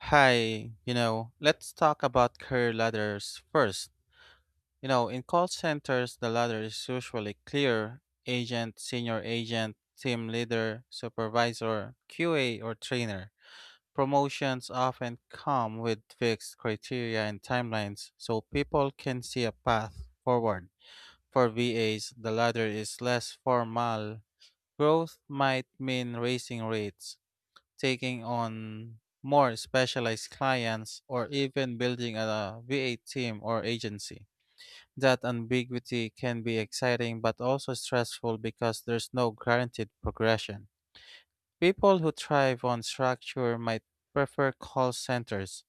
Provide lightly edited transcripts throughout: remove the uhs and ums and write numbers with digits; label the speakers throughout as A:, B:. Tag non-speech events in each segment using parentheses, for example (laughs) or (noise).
A: Hi, you know, let's talk about career ladders first. You know, in call centers, the ladder is usually clear agent, senior agent, team leader, supervisor, QA, or trainer. Promotions often come with fixed criteria and timelines, so people can see a path forward. For VAs, the ladder is less formal. Growth might mean raising rates taking on more specialized clients, or even building a VA team or agency. That ambiguity can be exciting but also stressful because there's no guaranteed progression. People who thrive on structure might prefer call centers,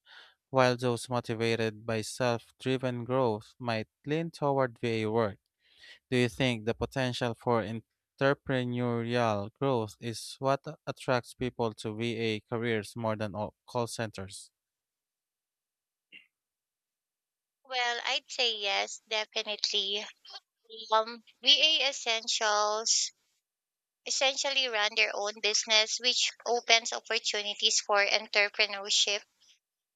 A: while those motivated by self driven growth might lean toward VA work. Do you think the potential for entrepreneurial growth is what attracts people to VA careers more than all call centers?
B: Well, I'd say yes, definitely. VA Essentials essentially run their own business, which opens opportunities for entrepreneurship.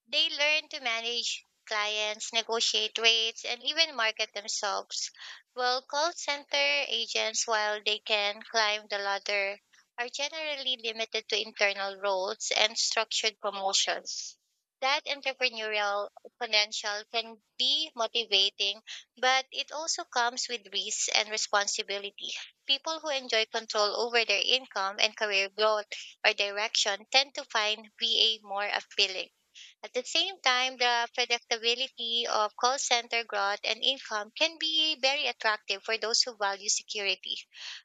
B: They learn to manage clients, negotiate rates, and even market themselves. Well, call center agents, while they can climb the ladder, are generally limited to internal roles and structured promotions. That entrepreneurial potential can be motivating, but it also comes with risks and responsibility. People who enjoy control over their income and career growth or direction tend to find VA more appealing. At the same time, the predictability of call center growth and income can be very attractive for those who value security.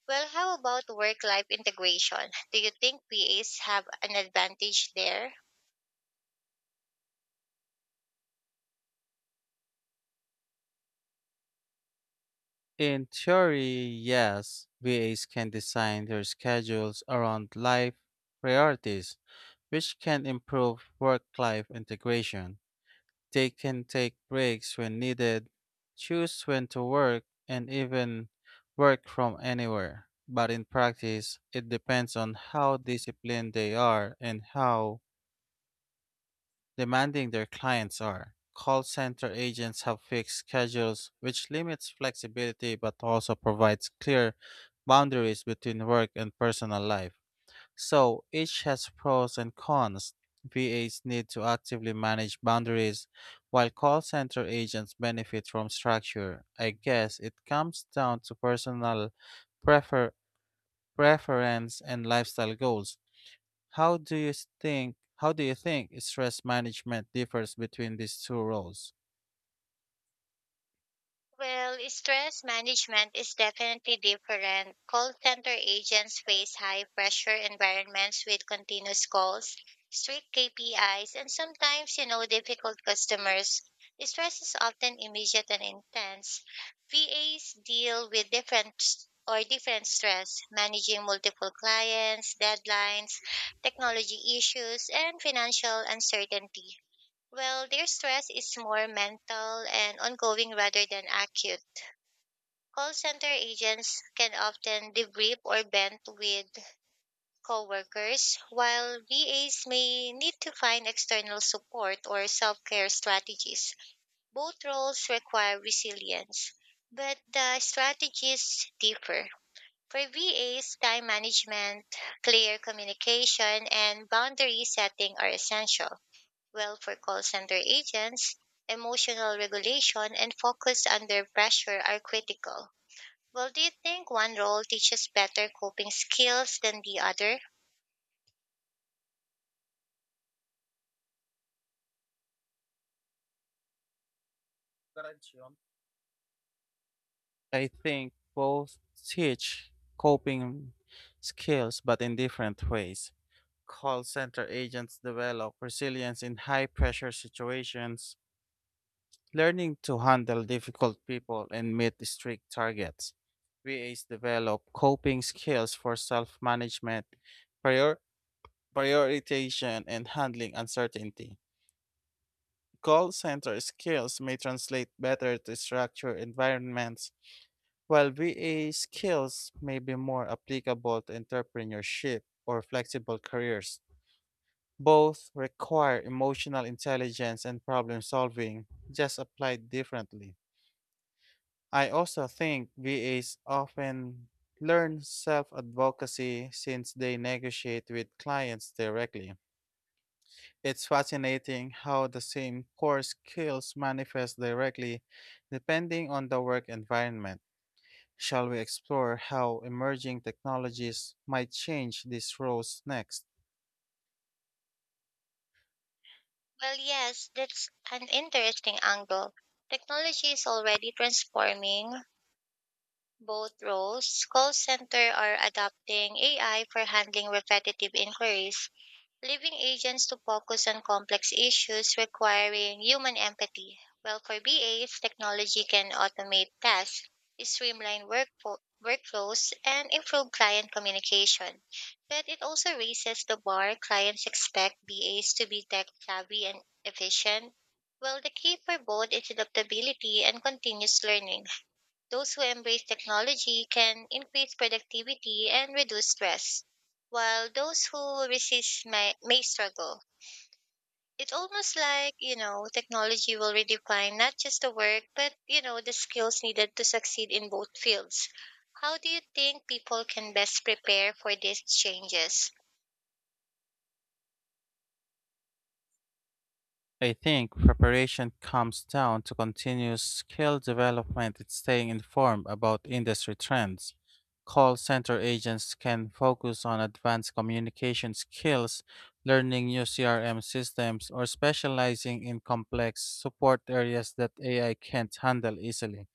B: Well, how about work life integration? Do you think PAs have an advantage there?
A: In theory, yes, VAs can design their schedules around life priorities, which can improve work life integration. They can take breaks when needed, choose when to work, and even work from anywhere. But in practice, it depends on how disciplined they are and how demanding their clients are. Call center agents have fixed schedules, which limits flexibility but also provides clear boundaries between work and personal life. So each has pros and cons. VAs need to actively manage boundaries, while call center agents benefit from structure. I guess it comes down to personal prefer- preference and lifestyle goals. How do you How do you think stress management differs between these two roles?
B: Well, stress management is definitely different. Call center agents face high pressure environments with continuous calls, strict KPIs, and sometimes, you know, difficult customers. Stress is often immediate and intense. VAs deal with different s- or different stress, managing multiple clients, deadlines, technology issues, and financial uncertainty. Well, their stress is more mental and ongoing rather than acute. Call center agents can often debrief or vent with coworkers, while VAs may need to find external support or self-care strategies. Both roles require resilience, but the strategies differ. For VAs, time management, clear communication, and boundary setting are essential. Well, for call center agents, emotional regulation and focus under pressure are critical. Well, do you think one role teaches better coping skills than the other?
A: I think both teach coping skills, but in different ways. Call center agents develop resilience in high pressure situations, learning to handle difficult people and meet strict targets. VAs develop coping skills for self management, prior- prioritization, and handling uncertainty. Call center skills may translate better to structured environments, while VA skills may be more applicable to entrepreneurship or flexible careers. Both require emotional intelligence and problem solving, just applied differently. I also think VAs often learn self advocacy since they negotiate with clients directly. It's fascinating how the same core skills manifest directly depending on the work environment. Shall we explore how emerging technologies might change these roles next?
B: Well, yes, that's an interesting angle. Technology is already transforming both roles. Call center are adopting AI for handling repetitive inquiries, leaving agents to focus on complex issues requiring human empathy. While for BAs, technology can automate tasks, streamline workflows, and improve client communication. But it also raises the bar. Clients expect BAs to be tech savvy and efficient, while the key for both is adaptability and continuous learning. Those who embrace technology can increase productivity and reduce stress, while those who resist may struggle. It's almost like, you know, technology will redefine not just the work, but, you know, the skills needed to succeed in both fields. How do you think people can best prepare for these changes?
A: I think preparation comes down to continuous skill development and staying informed about industry trends. Call center agents can focus on advanced communication skills, learning new CRM systems, or specializing in complex support areas that AI can't handle easily.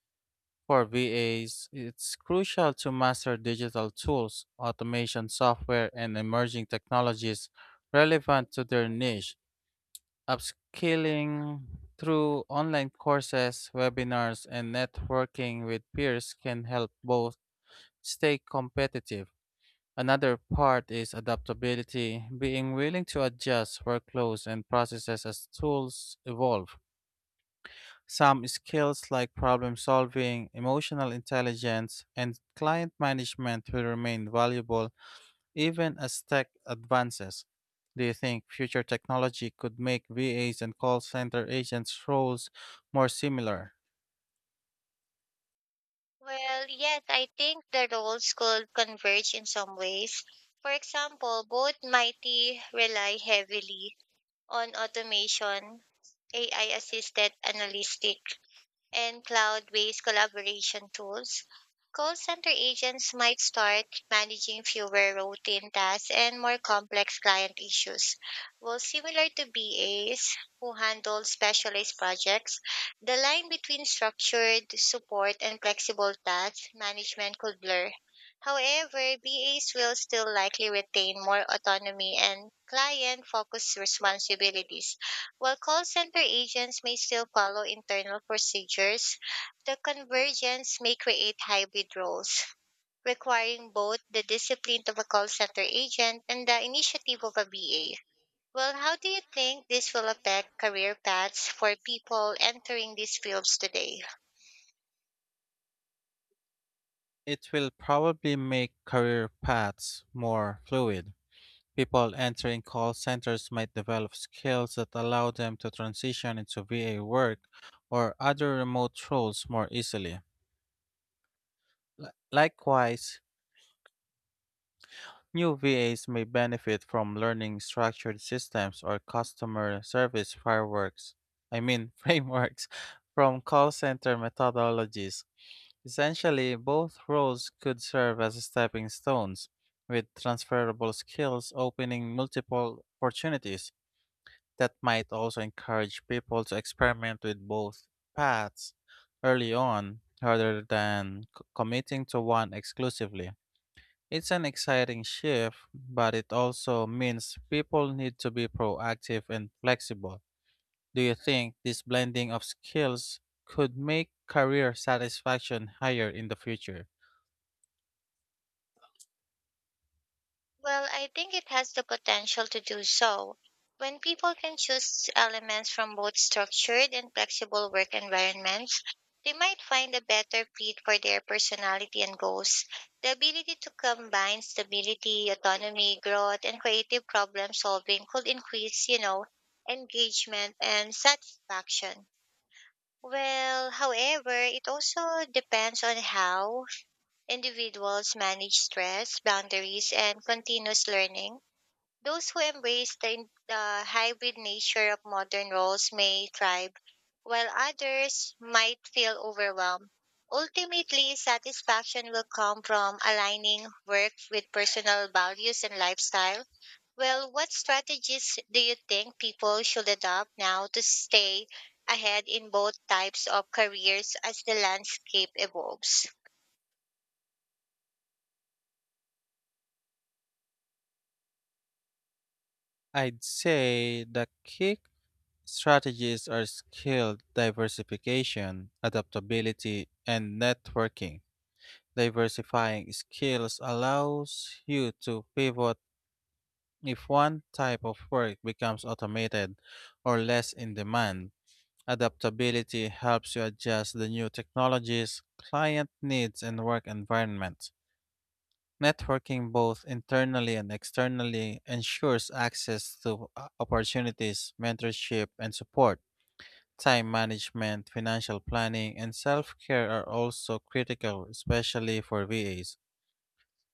A: For VAs, it's crucial to master digital tools, automation software, and emerging technologies relevant to their niche. Upskilling through online courses, webinars, and networking with peers can help both stay competitive. Another part is adaptability, being willing to adjust workflows and processes as tools evolve. Some skills like problem solving, emotional intelligence, and client management will remain valuable even as tech advances. Do you think future technology could make VAs and call center agents' roles more similar?
B: Well, yes, I think the roles could converge in some ways. For example, both mighty rely heavily on automation, AI assisted analytic, and cloud based collaboration tools. Call center agents might start managing fewer routine tasks and more complex client issues, while similar to BAs who handle specialized projects. The line between structured support and flexible task management could blur. However, BAs will still likely retain more autonomy and client focused responsibilities, while call center agents may still follow internal procedures. The convergence may create hybrid roles, requiring both the discipline of a call center agent and the initiative of a BA. Well, how do you think this will affect career paths for people entering these fields today?
A: It will probably make career paths more fluid. People entering call centers might develop skills that allow them to transition into VA work or other remote roles more easily. Likewise, new VAs may benefit from learning structured systems or customer service fireworks, I mean (laughs) frameworks, from call center methodologies. Essentially, both roles could serve as stepping stones, with transferable skills opening multiple opportunities that might also encourage people to experiment with both paths early on rather than committing to one exclusively. It's an exciting shift, but it also means people need to be proactive and flexible. Do you think this blending of skills could make career satisfaction higher in the future?
B: Well, I think it has the potential to do so. When people can choose elements from both structured and flexible work environments, they might find a better fit for their personality and goals. The ability to combine stability, autonomy, growth, and creative problem solving could increase, you know, engagement and satisfaction. Well, however, it also depends on how individuals manage stress, boundaries, and continuous learning. Those who embrace the hybrid nature of modern roles may thrive, while others might feel overwhelmed. Ultimately, satisfaction will come from aligning work with personal values and lifestyle. Well, what strategies do you think people should adopt now to stay ahead in both types of careers as the landscape evolves?
A: I'd say the key strategies are skill diversification, adaptability, and networking. Diversifying skills allows you to pivot if one type of work becomes automated or less in demand. Adaptability helps you adjust the new technologies, client needs, and work environment. Networking both internally and externally ensures access to opportunities, mentorship, and support. Time management, financial planning, and self care are also critical, especially for VAs.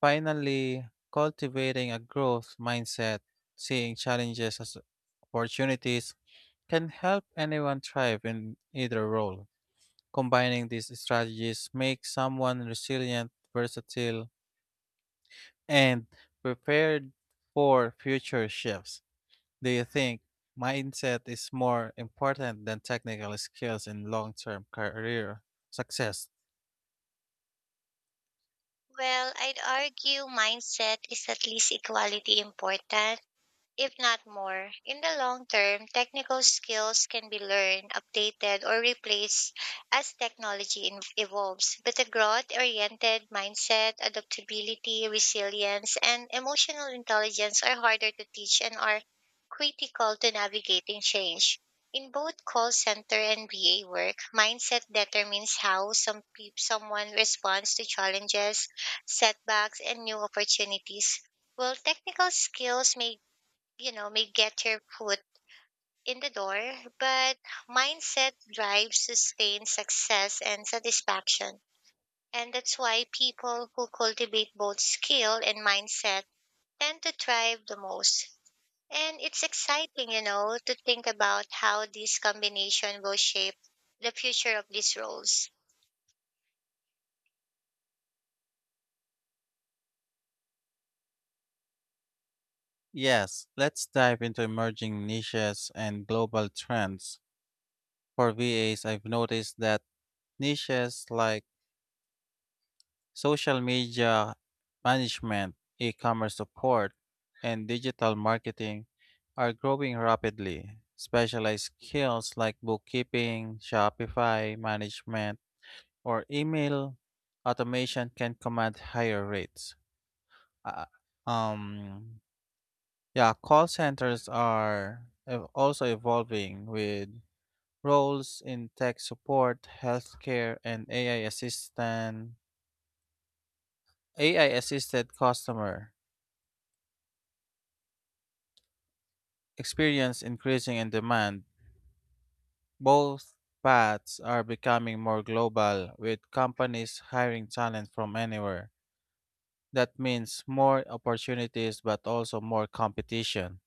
A: Finally, cultivating a growth mindset, seeing challenges as opportunities, can help anyone thrive in either role. Combining these strategies makes someone resilient, versatile, and prepared for future shifts. Do you think mindset is more important than technical skills in long term career success?
B: Well, I'd argue mindset is at least equally important, if not more. In the long term, technical skills can be learned, updated, or replaced as evolves. But a growth oriented mindset, adaptability, resilience, and emotional intelligence are harder to teach and are critical to navigating change. In both call center and VA work, mindset determines how someone responds to challenges, setbacks, and new opportunities. While technical skills may, may get your foot in the door, but mindset drives sustained success and satisfaction. And that's why people who cultivate both skill and mindset tend to thrive the most. And it's exciting, you know, to think about how this combination will shape the future of these roles.
A: Yes, let's dive into emerging niches and global trends. For VAs, I've noticed that niches like social media management, e commerce support, and digital marketing are growing rapidly. Specialized skills like bookkeeping, Shopify management, or email automation can command higher rates. Uh, um, yeah, Call centers are also evolving with roles in tech support, healthcare, and AI assisted customer experience increasing in demand. Both paths are becoming more global, with companies hiring talent from anywhere. That means more opportunities but also more competition.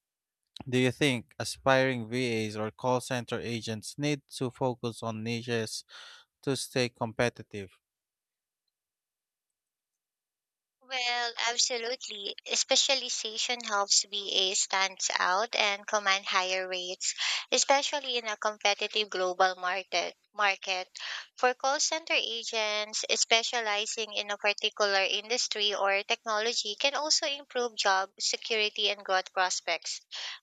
A: Do you think aspiring VAs or call center agents need to focus on niches to stay competitive?
B: Well, absolutely. Specialization helps BA stands out and command higher rates, especially in a competitive global market. Market for call center agents specializing in a particular industry or technology can also improve job security and growth prospects.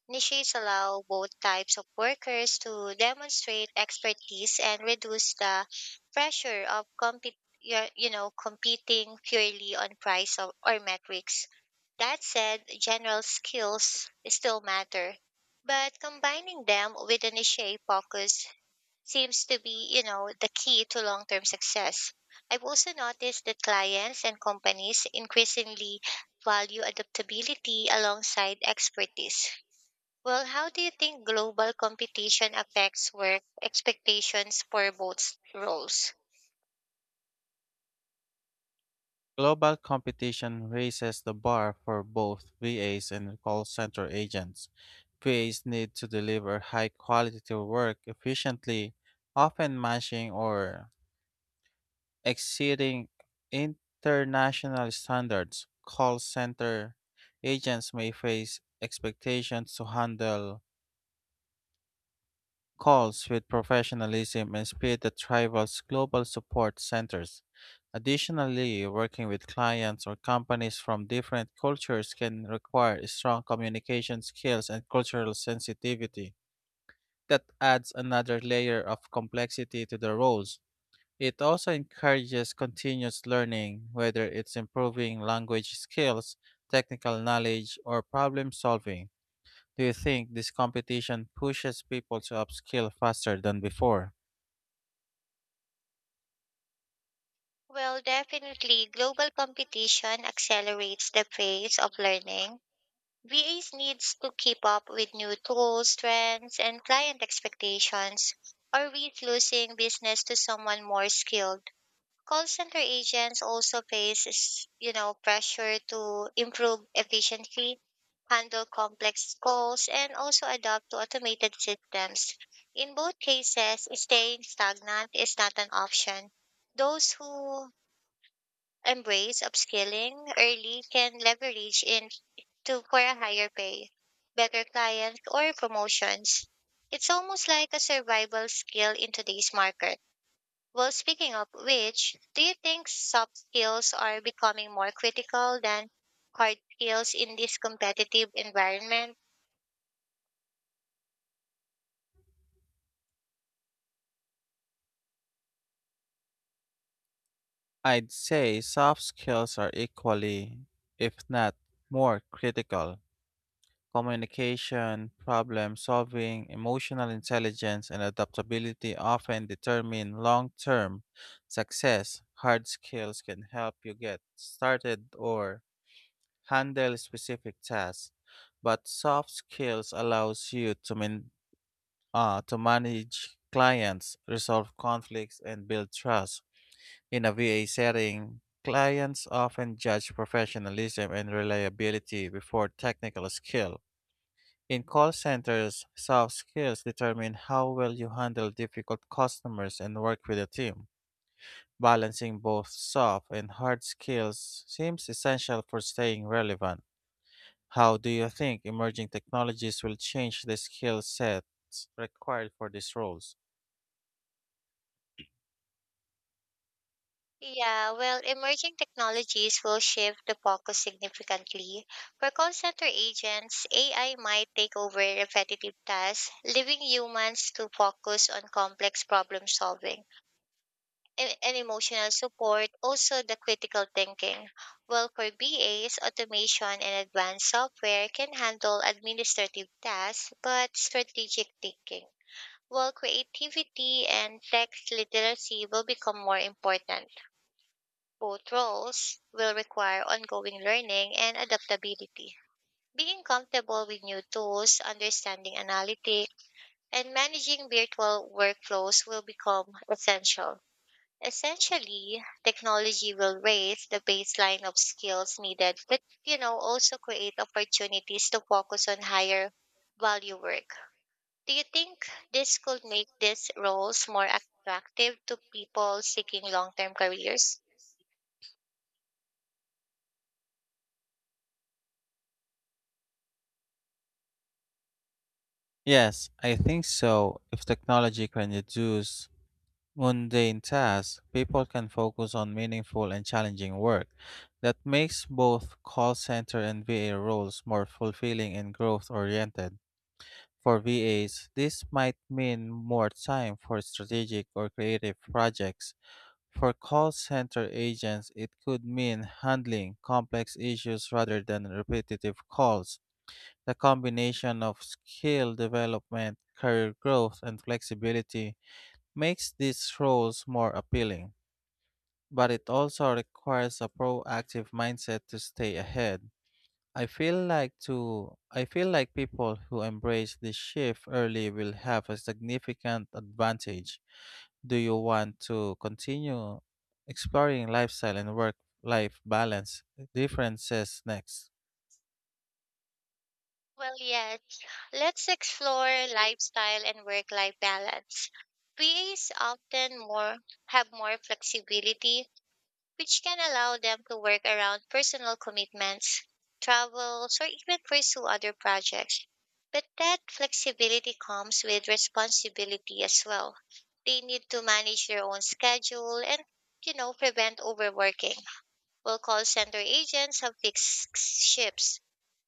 B: Niches allow both types of workers to demonstrate expertise and reduce the pressure of you know, competing purely on price or metrics. That said, general skills still matter, but combining them with an niche focus seems to be, you know, the key to long-term success. I've also noticed that clients and companies increasingly value adaptability alongside expertise. Well, how do you think global competition affects work expectations for both roles?
A: Global competition raises the bar for both VAs and call center agents. VAs need to deliver high quality work efficiently, often matching or exceeding international standards. Call center agents may face expectations to handle calls with professionalism and speed that rivals global support centers. Additionally, working with clients or companies from different cultures can require strong communication skills and cultural sensitivity. That adds another layer of complexity to the roles. It also encourages continuous learning, whether it's improving language skills, technical knowledge, or problem solving. Do you think this competition pushes people to upskill faster than before?
B: Well, definitely, global competition accelerates the pace of learning. VAs needs to keep up with new tools, trends, and client expectations, or risk losing business to someone more skilled. Call center agents also face, you know, pressure to improve efficiency, handle complex calls, and also adapt to automated systems. In both cases, staying stagnant is not an option. Those who embrace upskilling early can leverage into for a higher pay, better clients, or promotions. It's almost like a survival skill in today's market. Well, speaking of which, do you think soft skills are becoming more critical than hard skills in this competitive environment?
A: I'd say soft skills are equally, if not more, critical. Communication, problem solving, emotional intelligence, and adaptability often determine long term success. Hard skills can help you get started or handle specific tasks, but soft skills allows you to maintain to manage clients, resolve conflicts, and build trust. In a VA setting, clients often judge professionalism and reliability before technical skill. In call centers, soft skills determine how well you handle difficult customers and work with a team. Balancing both soft and hard skills seems essential for staying relevant. How do you think emerging technologies will change the skill sets required for these roles?
B: Yeah, well, emerging technologies will shift the focus significantly. For call center agents, AI might take over repetitive tasks, leaving humans to focus on complex problem solving and emotional support, also the critical thinking. Well, for BAs, automation and advanced software can handle administrative tasks, but strategic thinking. Well, creativity and text literacy will become more important. Both roles will require ongoing learning and adaptability. Being comfortable with new tools, understanding analytics, and managing virtual workflows will become essential. Essentially, technology will raise the baseline of skills needed, but you know, also create opportunities to focus on higher value work. Do you think this could make these roles more attractive to people seeking long-term careers?
A: Yes, I think so. If technology can reduce mundane tasks, people can focus on meaningful and challenging work. That makes both call center and VA roles more fulfilling and growth oriented. For VAs, this might mean more time for strategic or creative projects. For call center agents, it could mean handling complex issues rather than repetitive calls. The combination of skill development, career growth, and flexibility makes these roles more appealing, but it also requires a proactive mindset to stay ahead. I feel like people who embrace this shift early will have a significant advantage. Do you want to continue exploring lifestyle and work life balance differences next?
B: Well, yet, let's explore lifestyle and work-life balance. PAs often more have more flexibility, which can allow them to work around personal commitments, travels, or even pursue other projects. But that flexibility comes with responsibility as well. They need to manage their own schedule and, you know, prevent overworking. While call center agents have fixed shifts,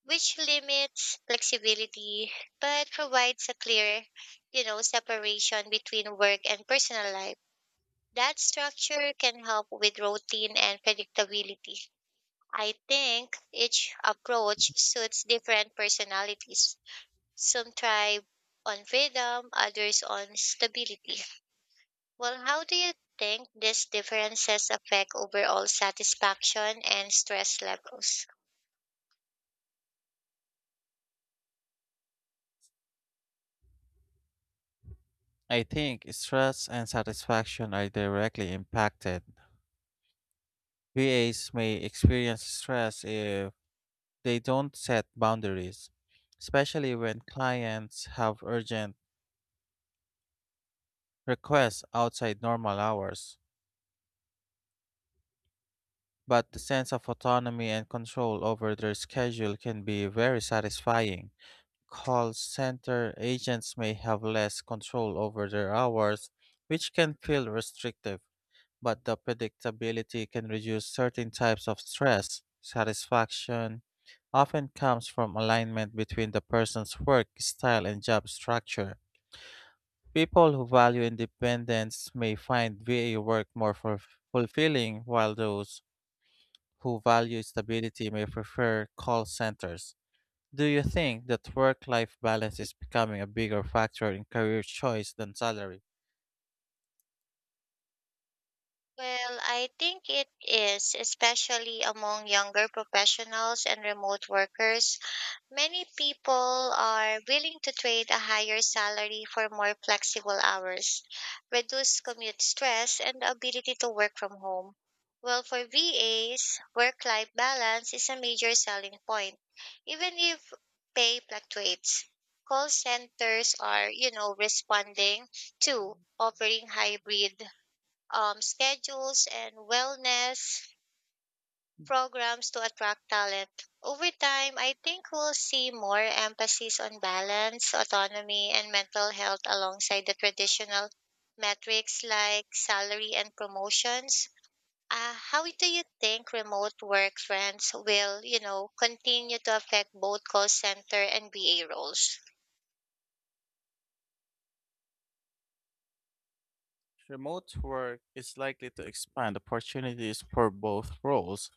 B: which limits flexibility but provides a clear, you know, separation between work and personal life. That structure can help with routine and predictability. I think each approach suits different personalities. Some thrive on freedom, others on stability. Well, how do you think these differences affect overall satisfaction and stress levels?
A: I think stress and satisfaction are directly impacted. VAs may experience stress if they don't set boundaries, especially when clients have urgent requests outside normal hours. But the sense of autonomy and control over their schedule can be very satisfying. Call center agents may have less control over their hours, which can feel restrictive, but the predictability can reduce certain types of stress. Satisfaction often comes from alignment between the person's work style and job structure. People who value independence may find VA work more fulfilling, while those who value stability may prefer call centers. Do you think that work life balance is becoming a bigger factor in career choice than salary?
B: Well, I think it is, especially among younger professionals and remote workers. Many people are willing to trade a higher salary for more flexible hours, reduced commute stress, and the ability to work from home. Well, for VAs, work life balance is a major selling point, even if pay fluctuates. Call centers are, you know, responding to offering hybrid schedules and wellness programs to attract talent. Over time, I think we'll see more emphasis on balance, autonomy, and mental health alongside the traditional metrics like salary and promotions. How do you think remote work trends will, you know, continue to affect both call center and BA roles?
A: Remote work is likely to expand opportunities for both roles.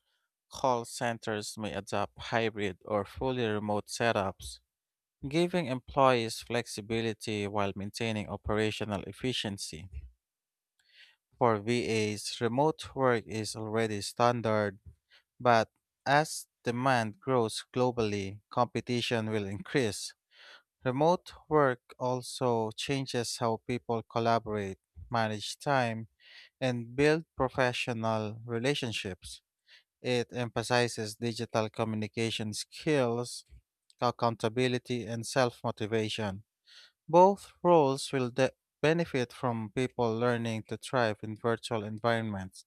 A: Call centers may adopt hybrid or fully remote setups, giving employees flexibility while maintaining operational efficiency. For VAs, remote work is already standard, but as demand grows globally, competition will increase. Remote work also changes how people collaborate, manage time, and build professional relationships. It emphasizes digital communication skills, accountability, and self motivation. Both roles will benefit from people learning to thrive in virtual environments,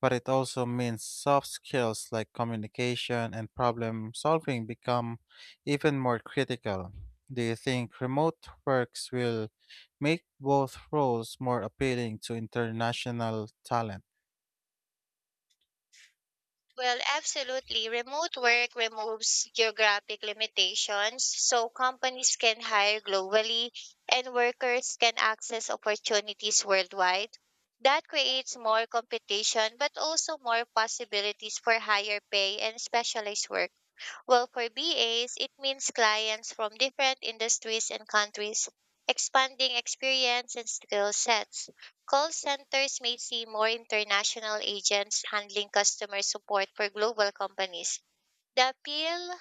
A: but it also means soft skills like communication and problem solving become even more critical. Do you think remote works will make both roles more appealing to international talent?
B: Well, absolutely. Remote work removes geographic limitations, so companies can hire globally and workers can access opportunities worldwide. That creates more competition, but also more possibilities for higher pay and specialized work. Well, for BAs, it means clients from different industries and countries, expanding experience and skill sets. Call centers may see more international agents handling customer support for global companies. The appeal,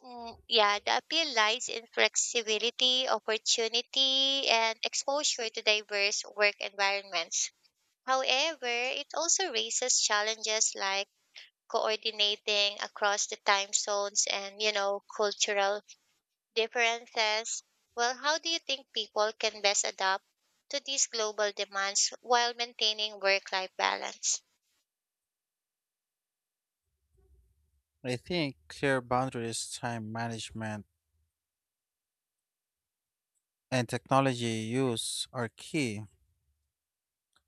B: yeah, the appeal lies in flexibility, opportunity, and exposure to diverse work environments. However, it also raises challenges like coordinating across the time zones and, you know, cultural differences. Well, how do you think people can best adapt to these global demands while maintaining work life balance?
A: I think clear boundaries, time management, and technology use are key.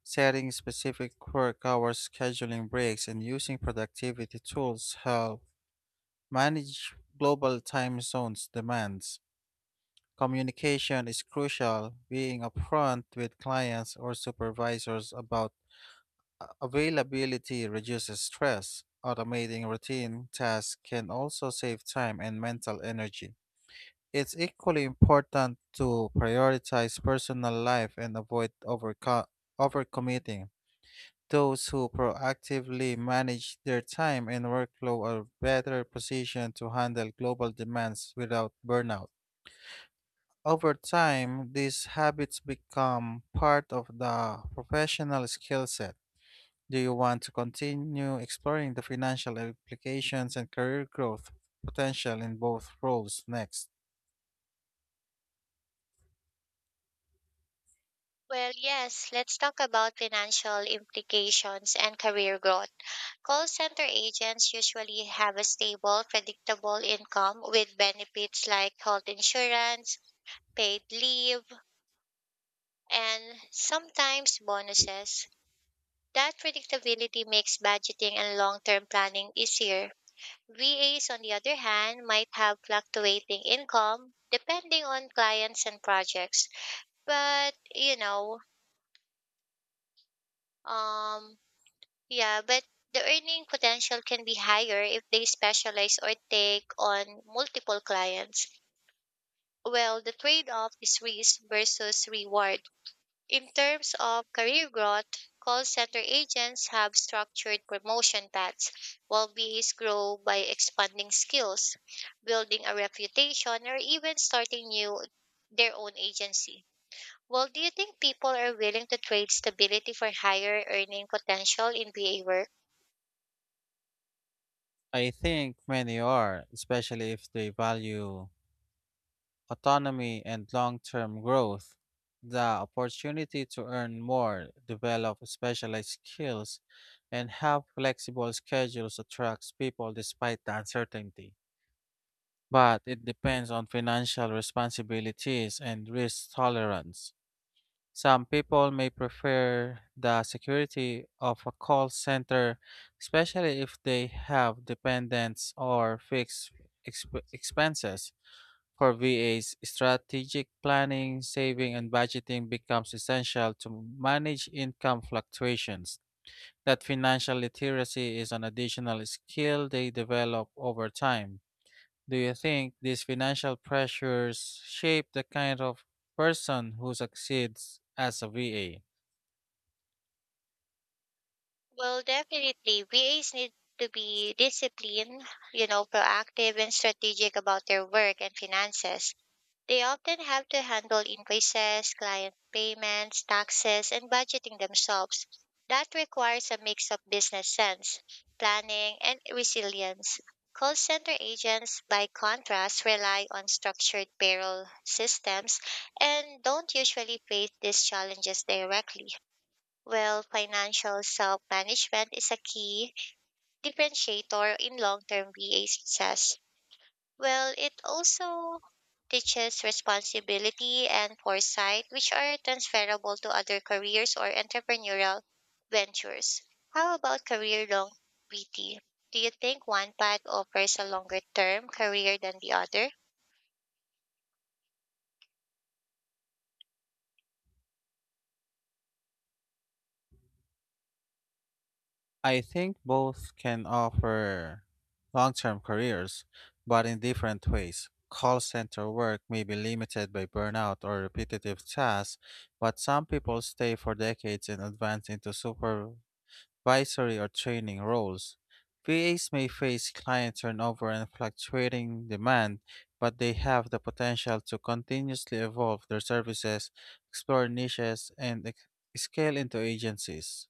A: Setting specific work hours, scheduling breaks, and using productivity tools help manage global time zones demands. Communication is crucial, being upfront with clients or supervisors about availability reduces stress. Automating routine tasks can also save time and mental energy. It's equally important to prioritize personal life and avoid overcommitting. Those who proactively manage their time and workflow are better positioned to handle global demands without burnout. Over time, these habits become part of the professional skill set. Do you want to continue exploring the financial implications and career growth potential in both roles next?
B: Well, yes, let's talk about financial implications and career growth. Call center agents usually have a stable, predictable income with benefits like health insurance, paid leave, and sometimes bonuses. That predictability makes budgeting and long term planning easier. VAs, on the other hand, might have fluctuating income depending on clients and projects. But, you know, um, yeah, but the earning potential can be higher if they specialize or take on multiple clients. Well, the trade off is risk versus reward. In terms of career growth, call center agents have structured promotion paths, while BAs grow by expanding skills, building a reputation, or even starting new their own agency. Well, do you think people are willing to trade stability for higher earning potential in BA work?
A: I think many are, especially if they value autonomy and long term growth. The opportunity to earn more, develop specialized skills, and have flexible schedules attracts people despite the uncertainty. But it depends on financial responsibilities and risk tolerance. Some people may prefer the security of a call center, especially if they have dependents or fixed expenses. For VAs, strategic planning, saving, and budgeting becomes essential to manage income fluctuations. That financial literacy is an additional skill they develop over time. Do you think these financial pressures shape the kind of person who succeeds as a VA?
B: Well, definitely. VAs need to be disciplined, you know, proactive and strategic about their work and finances. They often have to handle invoices, client payments, taxes, and budgeting themselves. That requires a mix of business sense, planning, and resilience. Call center agents, by contrast, rely on structured payroll systems and don't usually face these challenges directly. While financial self management is a key differentiator in long term VA success. Well, it also teaches responsibility and foresight, which are transferable to other careers or entrepreneurial ventures. How about career longevity? Do you think one path offers a longer term career than the other?
A: I think both can offer long term careers, but in different ways. Call center work may be limited by burnout or repetitive tasks, but some people stay for decades and advance into supervisory or training roles. VAs may face client turnover and fluctuating demand, but they have the potential to continuously evolve their services, explore niches, and scale into agencies.